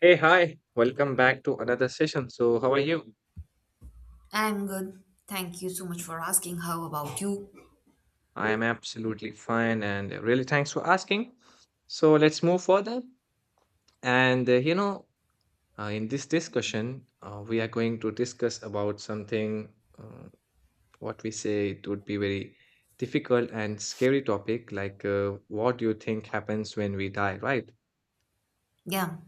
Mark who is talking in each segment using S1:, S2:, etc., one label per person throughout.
S1: Hey, hi, welcome back to another session. So, how are you?
S2: I'm good. Thank you so much for asking. How about you?
S1: I am absolutely fine and really thanks for asking. So, let's move further. And uh, you know, in this discussion, we are going to discuss about something uh, what we say it would be very difficult and scary topic like what do you think happens when we die, right?
S2: Yeah,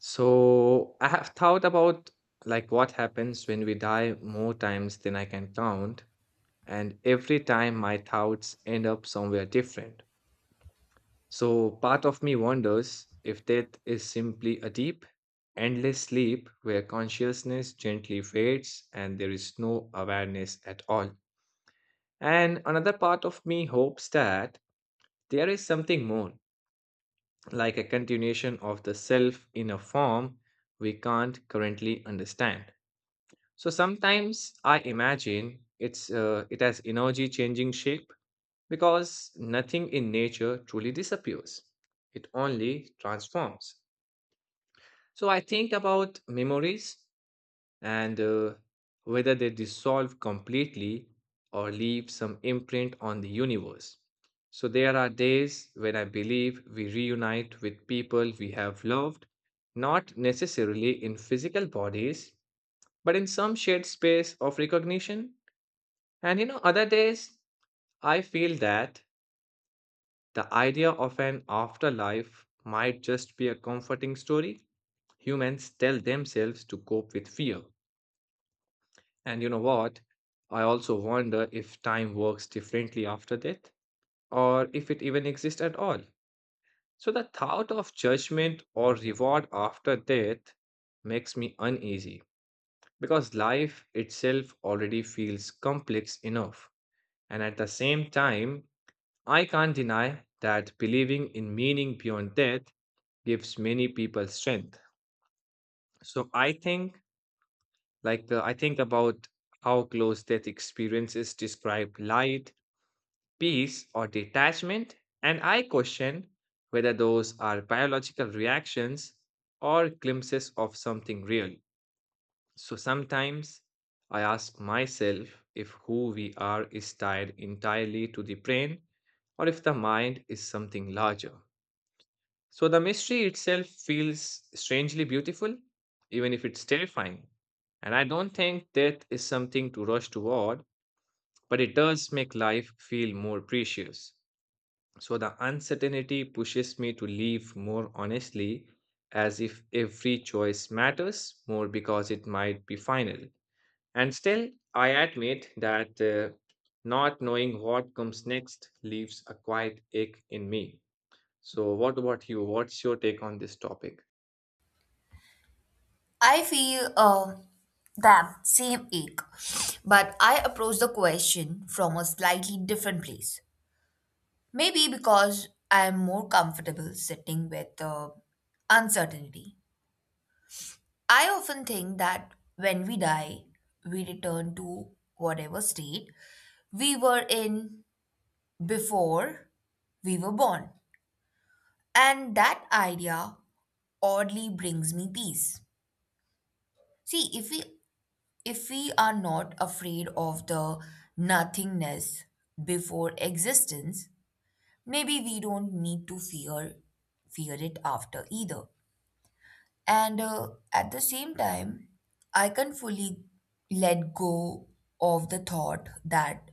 S1: So, I have thought about like what happens when we die more times than I can count, and every time my thoughts end up somewhere different. So, part of me wonders if death is simply a deep, endless sleep where consciousness gently fades and there is no awareness at all. And another part of me hopes that there is something more, like a continuation of the self in a form we can't currently understand. So sometimes I imagine it has energy changing shape because nothing in nature truly disappears, it only transforms. So I think about memories and whether they dissolve completely or leave some imprint on the universe. So there are days when I believe we reunite with people we have loved, not necessarily in physical bodies, but in some shared space of recognition. And you know, other days I feel that the idea of an afterlife might just be a comforting story humans tell themselves to cope with fear. And you know what? I also wonder if time works differently after death or if it even exists at all. So the thought of judgment or reward after death makes me uneasy because life itself already feels complex enough. And at the same time, I can't deny that believing in meaning beyond death gives many people strength. So I think like the I think about how close death experiences describe light, peace, or detachment, and I question whether those are biological reactions or glimpses of something real. So sometimes I ask myself if who we are is tied entirely to the brain or if the mind is something larger. So the mystery itself feels strangely beautiful, even if it's terrifying. And I don't think death is something to rush toward, but it does make life feel more precious. So the uncertainty pushes me to live more honestly, as if every choice matters more because it might be final. And still, I admit that not knowing what comes next leaves a quiet ache in me. So, what about you? What's your take on this topic?
S2: I feel that same ache, but I approach the question from a slightly different place. Maybe because I'm more comfortable sitting with uncertainty. I often think that when we die, we return to whatever state we were in before we were born. And that idea oddly brings me peace. See, if we are not afraid of the nothingness before existence, maybe we don't need to fear it after either. And at the same time, I can fully let go of the thought that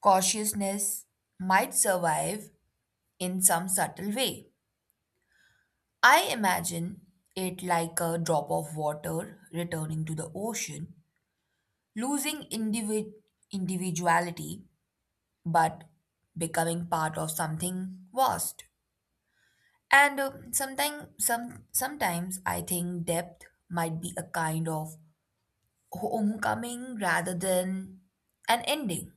S2: cautiousness might survive in some subtle way. I imagine it like a drop of water returning to the ocean losing individuality but becoming part of something vast. And sometimes I think depth might be a kind of homecoming rather than an ending.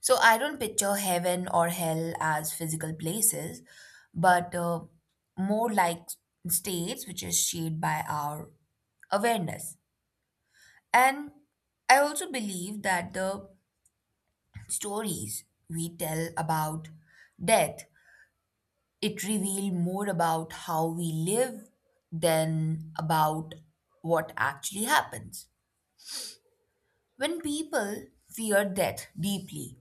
S2: So I don't picture heaven or hell as physical places, but more like states which is shaped by our awareness. And I also believe that the stories we tell about death, it reveal more about how we live than about what actually happens. When people fear death deeply,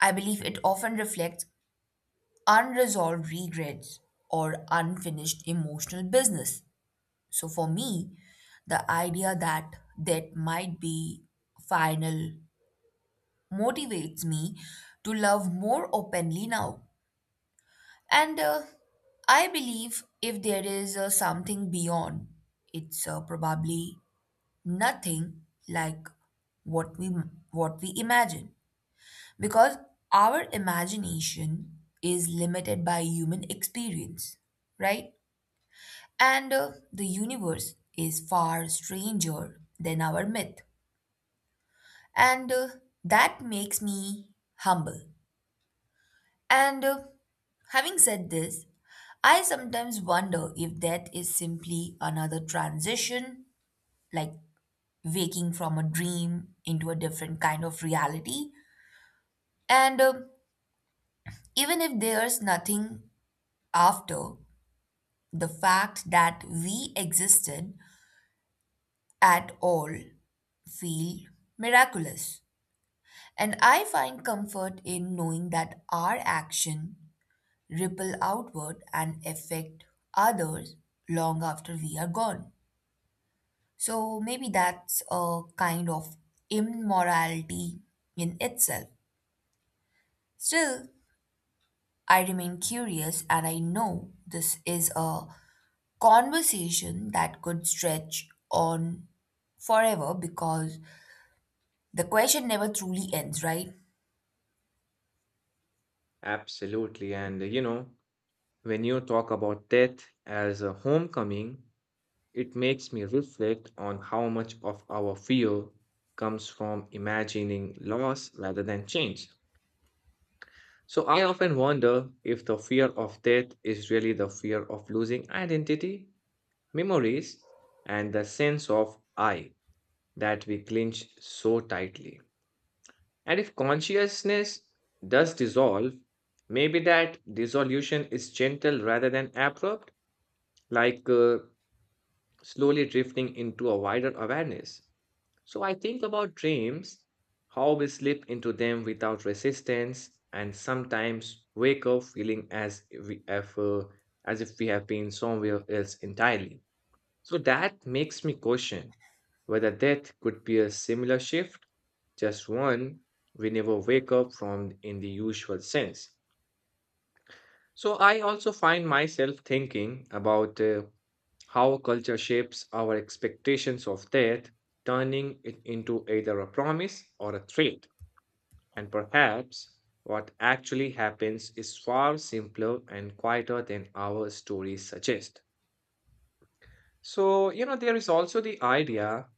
S2: I believe it often reflects unresolved regrets or unfinished emotional business. So for me, the idea that death might be final motivates me to love more openly now. And I believe if there is something beyond, it's probably nothing like what we what we imagine because our imagination is limited by human experience, right? And the universe is far stranger than our myth. And that makes me humble. And having said this, I sometimes wonder if death is simply another transition, like waking from a dream into a different kind of reality. And even if there's nothing after, the fact that we existed at all feel miraculous. And I find comfort in knowing that our action ripple outward and affect others long after we are gone. So maybe that's a kind of immorality in itself. Still, I remain curious and I know this is a conversation that could stretch on forever because the question never truly ends, right?
S1: Absolutely. And when you talk about death as a homecoming, it makes me reflect on how much of our fear comes from imagining loss rather than change. So I often wonder if the fear of death is really the fear of losing identity, memories, and the sense of I that we clinch so tightly. And if consciousness does dissolve, maybe that dissolution is gentle rather than abrupt, like slowly drifting into a wider awareness. So I think about dreams, how we slip into them without resistance, and sometimes wake up feeling as if we have been somewhere else entirely. So that makes me question whether death could be a similar shift, just one we never wake up from in the usual sense. So I also find myself thinking about how culture shapes our expectations of death, turning it into either a promise or a threat. And perhaps what actually happens is far simpler and quieter than our stories suggest. So, you know, there is also the idea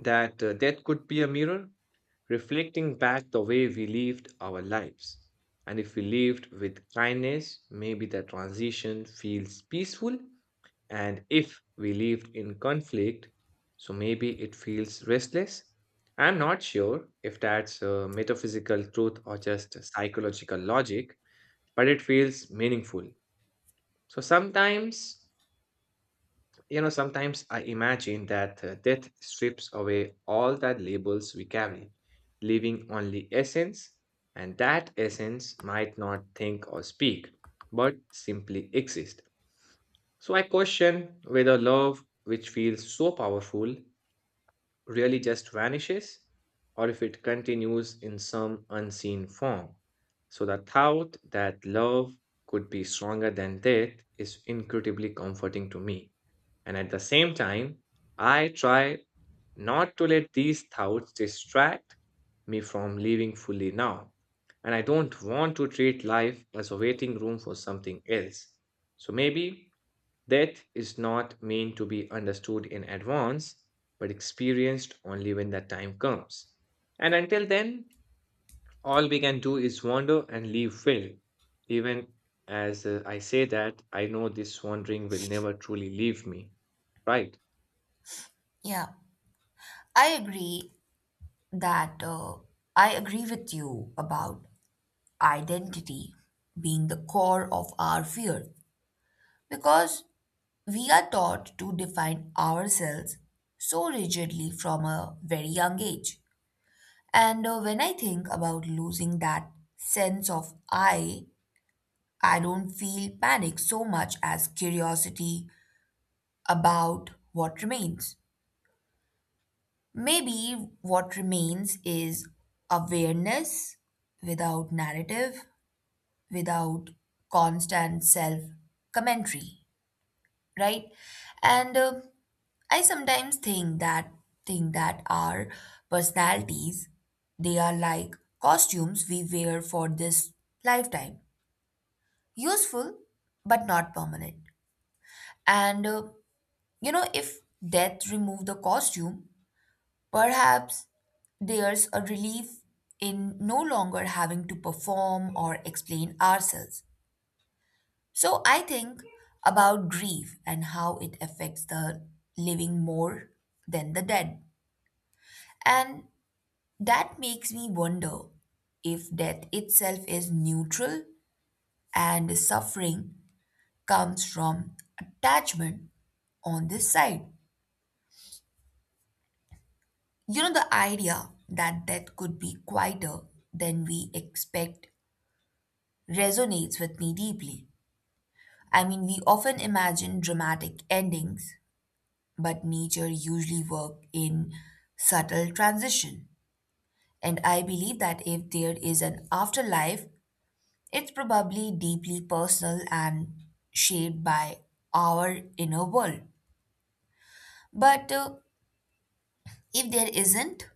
S1: that death could be a mirror reflecting back the way we lived our lives. And if we lived with kindness, maybe the transition feels peaceful. And if we lived in conflict, so maybe it feels restless. I'm not sure if that's a metaphysical truth or just a psychological logic, but it feels meaningful. So sometimes I imagine that death strips away all the labels we carry, leaving only essence, and that essence might not think or speak, but simply exist. So I question whether love, which feels so powerful, really just vanishes or if it continues in some unseen form. So the thought that love could be stronger than death is incredibly comforting to me. And at the same time, I try not to let these thoughts distract me from living fully now. And I don't want to treat life as a waiting room for something else. So maybe death is not meant to be understood in advance, but experienced only when that time comes. And until then, all we can do is wander and leave will. Even as I say that, I know this wandering will never truly leave me. Right?
S2: Yeah, I agree that uh, I agree with you about identity being the core of our fear because we are taught to define ourselves so rigidly from a very young age. And when I think about losing that sense of I don't feel panic so much as curiosity about what remains. Maybe what remains is awareness without narrative, without constant self commentary, right? And I sometimes think that our personalities they are like costumes we wear for this lifetime, useful but not permanent. And you know if death removed the costume, perhaps there's a relief in no longer having to perform or explain ourselves. So I think about grief and how it affects the living more than the dead. And that makes me wonder if death itself is neutral and suffering comes from attachment on this side. You know, the idea that death could be quieter than we expect resonates with me deeply. I mean, we often imagine dramatic endings, but nature usually works in subtle transition. And I believe that if there is an afterlife, it's probably deeply personal and shaped by our inner world. But if there isn't,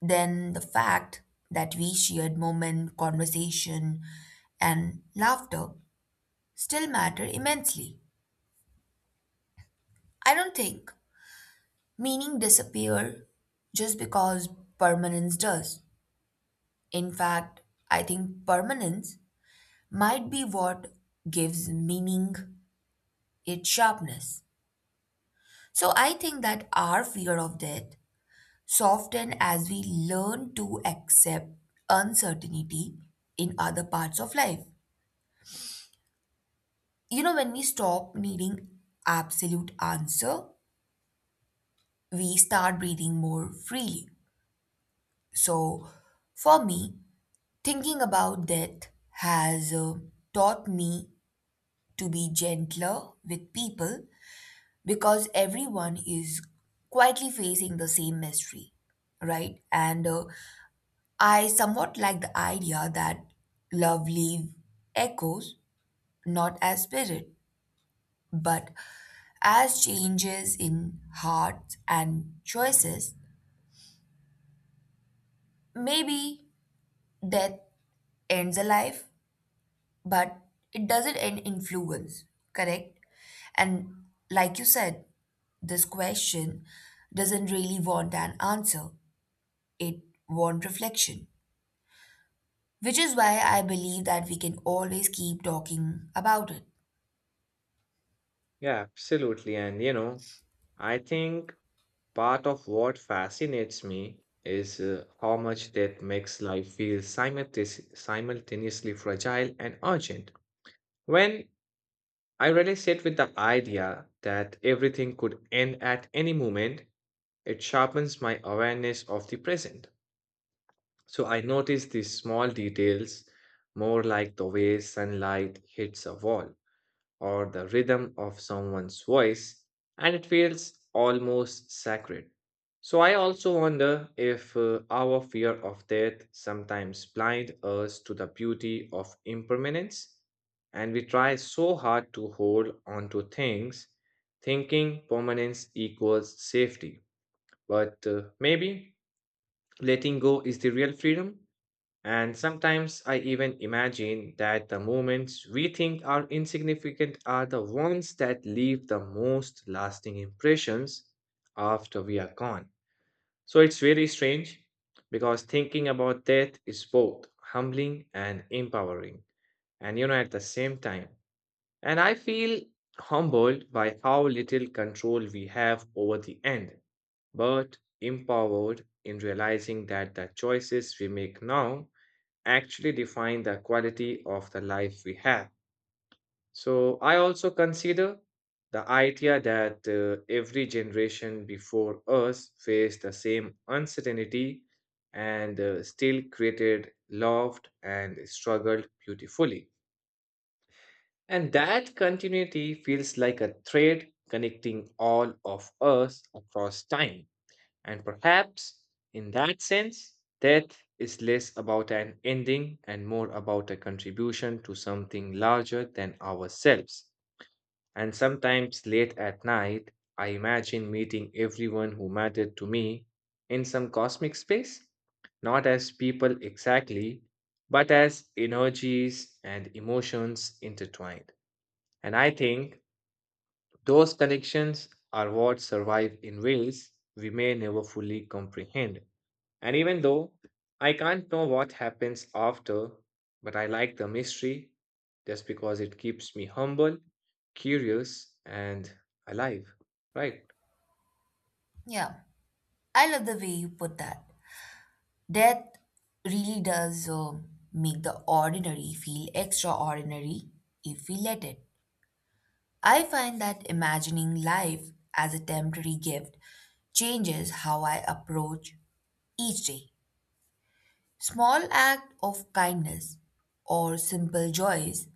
S2: then the fact that we shared moment, conversation, and laughter still matter immensely. I don't think meaning disappear just because permanence does. In fact, I think permanence might be what gives meaning its sharpness. So I think that our fear of death soften as we learn to accept uncertainty in other parts of life. You know, when we stop needing absolute answer, we start breathing more freely. So for me, thinking about death has taught me to be gentler with people because everyone is quietly facing the same mystery, right? And I somewhat like the idea that love leaves echoes, not as spirit, but as changes in hearts and choices. Maybe death ends a life, but it doesn't end influence, correct? And like you said, this question doesn't really want an answer, it wants reflection, which is why I believe that we can always keep talking about it.
S1: Yeah, absolutely. And you know, I think part of what fascinates me is how much death makes life feel simultaneously fragile and urgent. When I really sit with the idea that everything could end at any moment, it sharpens my awareness of the present. So I notice these small details, more like the way sunlight hits a wall or the rhythm of someone's voice, and it feels almost sacred. So, I also wonder if our fear of death sometimes blind us to the beauty of impermanence, and we try so hard to hold on to things, thinking permanence equals safety. But maybe letting go is the real freedom. And sometimes I even imagine that the moments we think are insignificant are the ones that leave the most lasting impressions after we are gone. So it's very strange because thinking about death is both humbling and empowering, and you know, at the same time. And I feel humbled by how little control we have over the end, but empowered in realizing that the choices we make now actually define the quality of the life we have. So I also consider the idea that every generation before us faced the same uncertainty and still created, loved, and struggled beautifully. And that continuity feels like a thread connecting all of us across time. And perhaps in that sense, death is less about an ending and more about a contribution to something larger than ourselves. And sometimes late at night, I imagine meeting everyone who mattered to me in some cosmic space, not as people exactly, but as energies and emotions intertwined. And I think those connections are what survive in ways we may never fully comprehend. And even though I can't know what happens after, but I like the mystery just because it keeps me humble, curious, and alive. Right?
S2: Yeah. I love the way you put that. Death really does make the ordinary feel extraordinary if we let it. I find that imagining life as a temporary gift changes how I approach each day. Small act of kindness or simple joys,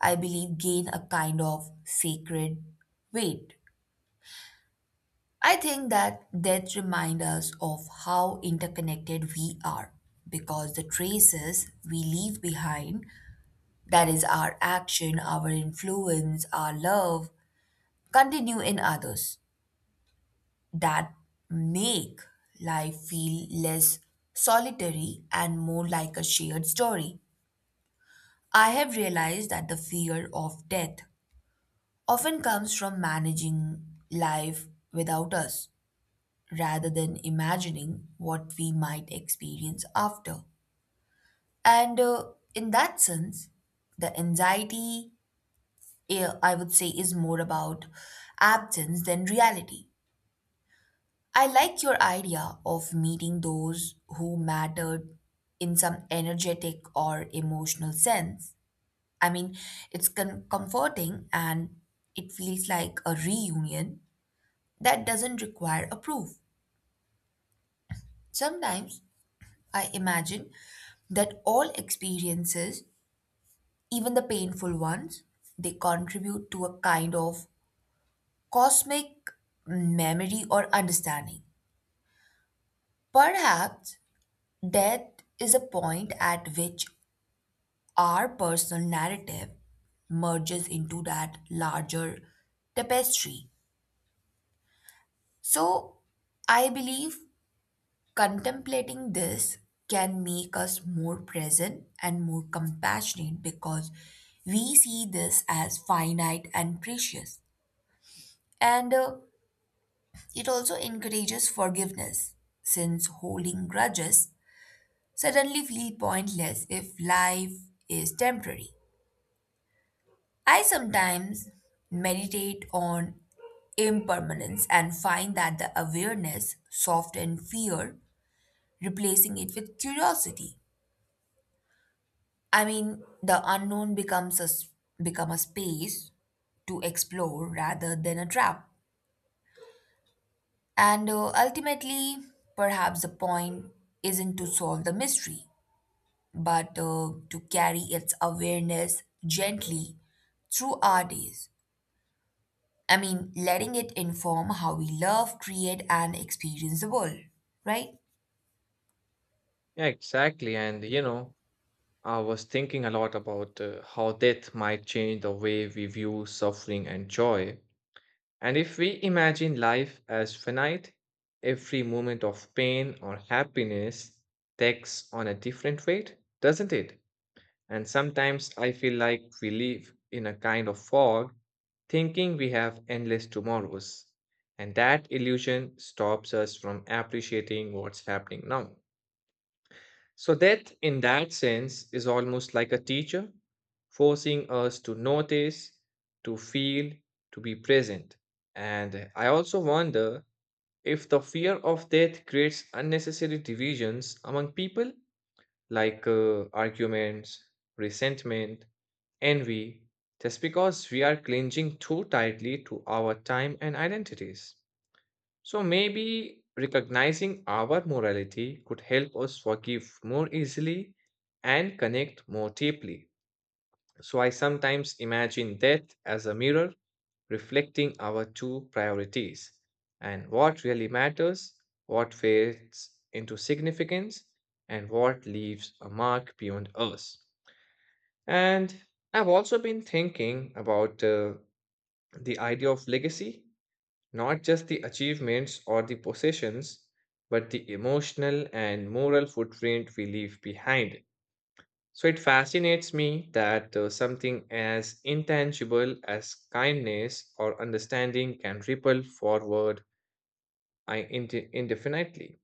S2: I believe, gain a kind of sacred weight. I think that death reminds us of how interconnected we are because the traces we leave behind, that is, our action, our influence, our love, continue in others that make life feel less solitary and more like a shared story. I have realized that the fear of death often comes from managing life without us rather than imagining what we might experience after. And in that sense, the anxiety, eh, I would say, is more about absence than reality. I like your idea of meeting those who mattered in some energetic or emotional sense. I mean, it's comforting and it feels like a reunion that doesn't require a proof. Sometimes I imagine that all experiences, even the painful ones, they contribute to a kind of cosmic memory or understanding. Perhaps death is a point at which our personal narrative merges into that larger tapestry. So, I believe contemplating this can make us more present and more compassionate because we see this as finite and precious. And it also encourages forgiveness, since holding grudges suddenly feel pointless if life is temporary. I sometimes meditate on impermanence and find that the awareness softens fear, replacing it with curiosity. I mean, the unknown become a space to explore rather than a trap. And ultimately, perhaps the point isn't to solve the mystery, but to carry its awareness gently through our days. I mean, letting it inform how we love, create, and experience the world, right?
S1: Yeah, exactly. And you know, I was thinking a lot about how death might change the way we view suffering and joy. And if we imagine life as finite, every moment of pain or happiness takes on a different weight, doesn't it? And sometimes I feel like we live in a kind of fog, thinking we have endless tomorrows. And that illusion stops us from appreciating what's happening now. So, death, in that sense, is almost like a teacher, forcing us to notice, to feel, to be present. And I also wonder if the fear of death creates unnecessary divisions among people, like arguments, resentment, envy, just because we are clinging too tightly to our time and identities. So maybe recognizing our morality could help us forgive more easily and connect more deeply. So I sometimes imagine death as a mirror reflecting our true priorities and what really matters, what fades into significance, and what leaves a mark beyond us. And I've also been thinking about the idea of legacy, not just the achievements or the possessions, but the emotional and moral footprint we leave behind. So it fascinates me that something as intangible as kindness or understanding can ripple forward indefinitely.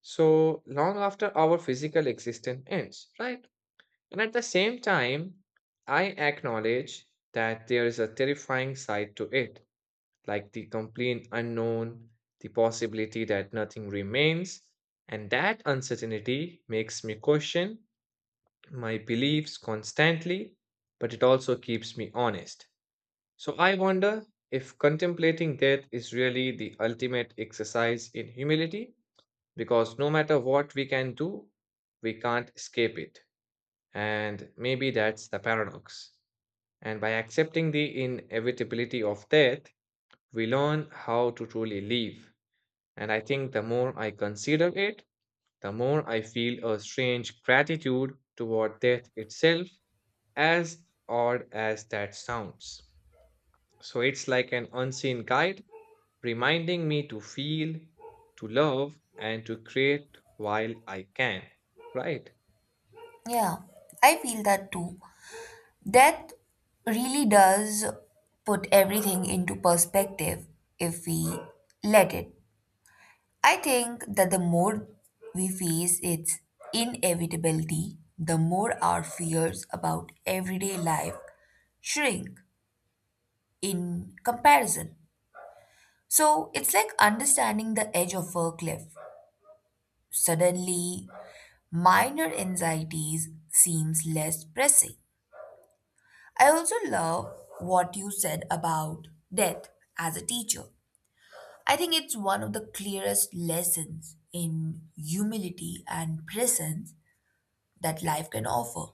S1: So long after our physical existence ends, right? And at the same time, I acknowledge that there is a terrifying side to it, like the complete unknown, the possibility that nothing remains, and that uncertainty makes me question my beliefs constantly, but it also keeps me honest. So I wonder if contemplating death is really the ultimate exercise in humility, because no matter what we can do, we can't escape it. And maybe that's the paradox. And by accepting the inevitability of death, we learn how to truly live. And I think the more I consider it, the more I feel a strange gratitude toward death itself, as odd as that sounds. So it's like an unseen guide reminding me to feel, to love, and to create while I can, right?
S2: Yeah, I feel that too. Death really does put everything into perspective if we let it. I think that the more we face its inevitability, the more our fears about everyday life shrink in comparison. So it's like understanding the edge of a cliff. Suddenly, minor anxieties seems less pressing. I also love what you said about death as a teacher. I think it's one of the clearest lessons in humility and presence that life can offer.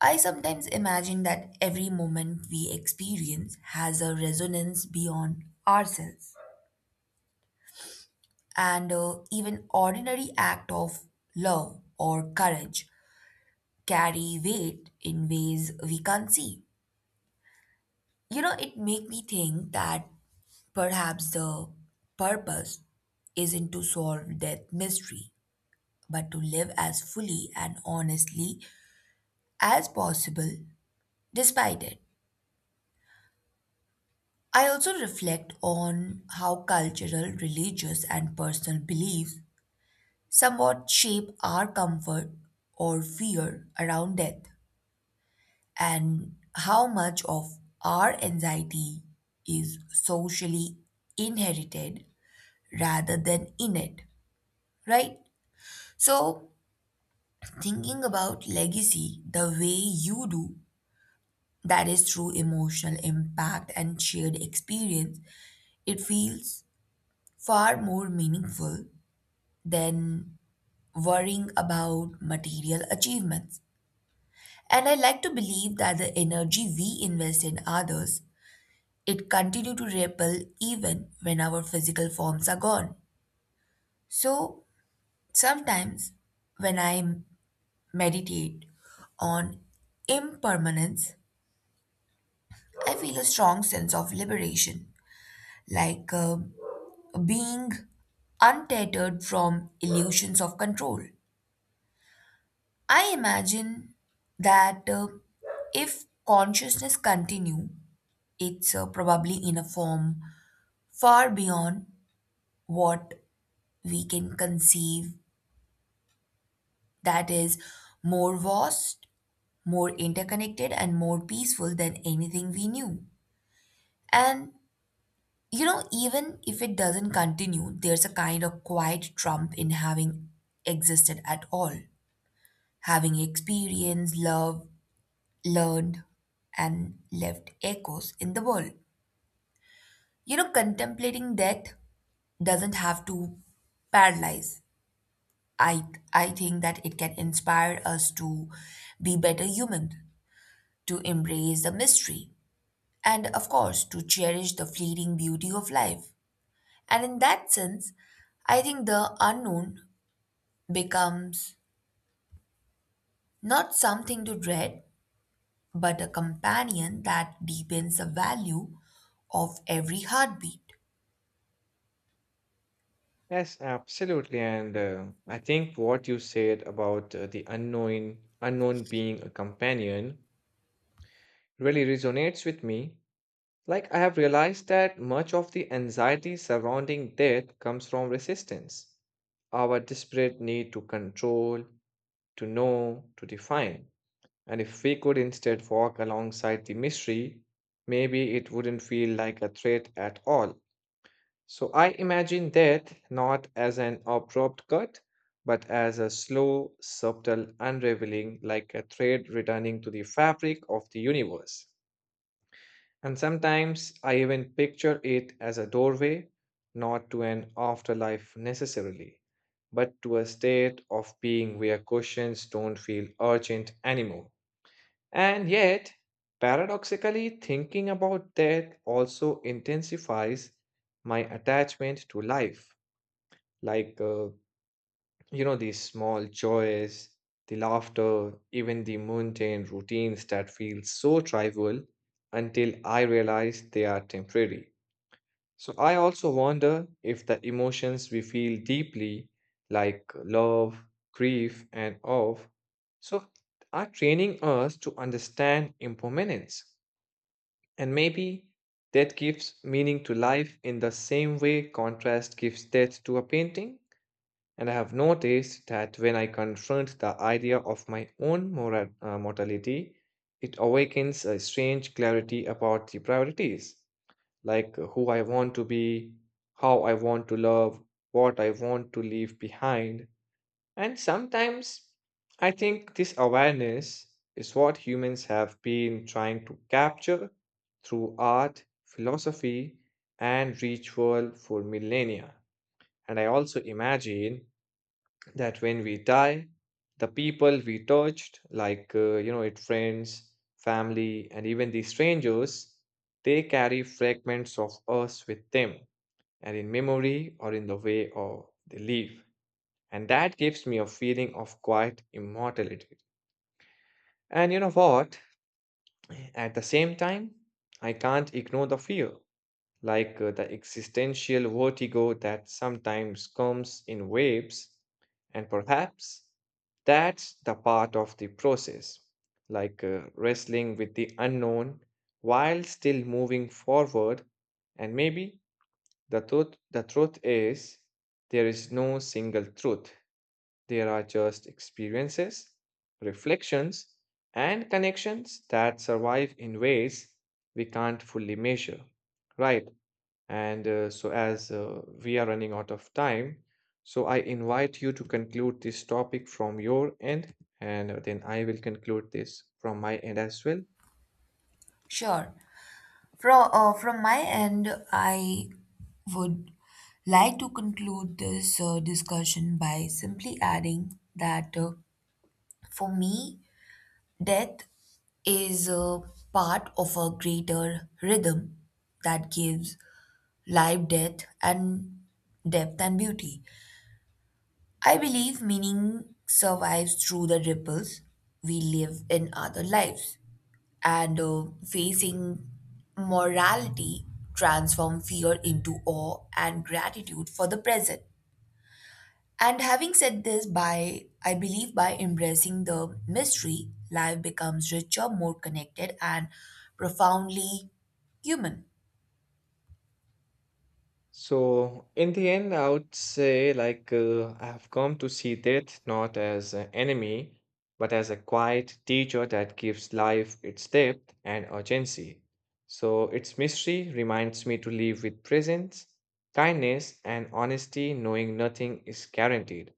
S2: I sometimes imagine that every moment we experience has a resonance beyond ourselves, and even ordinary act of love or courage carry weight in ways we can't see. You know, it make me think that perhaps the purpose isn't to solve death mystery, but to live as fully and honestly as possible despite it. I also reflect on how cultural, religious, and personal beliefs somewhat shape our comfort or fear around death, and how much of our anxiety is socially inherited rather than innate, right? So, thinking about legacy the way you do, that is through emotional impact and shared experience, it feels far more meaningful than worrying about material achievements. And I like to believe that the energy we invest in others, it continue to ripple even when our physical forms are gone. So sometimes when I meditate on impermanence, I feel a strong sense of liberation, like being untethered from illusions of control. I imagine that if consciousness continue, it's probably in a form far beyond what we can conceive. That is more vast, more interconnected, and more peaceful than anything we knew. And you know, even if it doesn't continue, there's a kind of quiet trump in having existed at all. Having experienced, loved, learned, and left echoes in the world. You know, contemplating death doesn't have to paralyze. I, I think that it can inspire us to be better humans, to embrace the mystery, and of course, to cherish the fleeting beauty of life. And in that sense, I think the unknown becomes not something to dread, but a companion that deepens the value of every heartbeat.
S1: Yes, absolutely. And I think what you said about unknown being a companion really resonates with me. Like, I have realized that much of the anxiety surrounding death comes from resistance, our desperate need to control, to know, to define. And if we could instead walk alongside the mystery, maybe it wouldn't feel like a threat at all. So I imagine death not as an abrupt cut, but as a slow, subtle unraveling, like a thread returning to the fabric of the universe. And sometimes I even picture it as a doorway, not to an afterlife necessarily, but to a state of being where questions don't feel urgent anymore. And yet, paradoxically, thinking about death also intensifies my attachment to life. Like, uh, you know, these small joys, the laughter, even the mundane routines that feel so trivial until I realize they are temporary. So I also wonder if the emotions we feel deeply, like love, grief, and awe, so are training us to understand impermanence. And maybe that gives meaning to life in the same way contrast gives depth to a painting. And I have noticed that when I confront the idea of my own mortality, it awakens a strange clarity about the priorities, like who I want to be, how I want to love, what I want to leave behind. And sometimes I think this awareness is what humans have been trying to capture through art, philosophy, and ritual for millennia. And I also imagine that when we die, the people we touched, like, you know, it friends, family, and even the strangers, they carry fragments of us with them, and in memory or in the way or they live. And that gives me a feeling of quiet immortality. And you know what? At the same time, I can't ignore the fear, like the existential vertigo that sometimes comes in waves. And perhaps that's the part of the process, like wrestling with the unknown while still moving forward. And maybe the truth is there is no single truth, there are just experiences, reflections, and connections that survive in ways we can't fully measure. Right. And so, as we are running out of time, so I invite you to conclude this topic from your end, and then I will conclude this from my end as well.
S2: Sure. From from my end, I would like to conclude this discussion by simply adding that for me, death is a part of a greater rhythm that gives life, death, and depth and beauty. I believe meaning survives through the ripples we live in other lives. And facing morality transform fear into awe and gratitude for the present. And having said this, by I believe by embracing the mystery, life becomes richer, more connected, and profoundly human.
S1: So, in the end, I would say, like, I have come to see death not as an enemy, but as a quiet teacher that gives life its depth and urgency. So, its mystery reminds me to live with presence, kindness, and honesty, knowing nothing is guaranteed.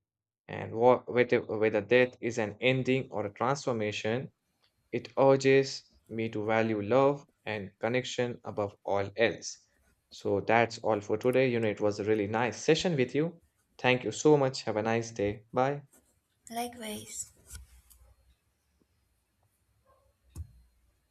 S1: And whether death is an ending or a transformation, it urges me to value love and connection above all else. So that's all for today. You know, it was a really nice session with you. Thank you so much. Have a nice day. Bye.
S2: Likewise.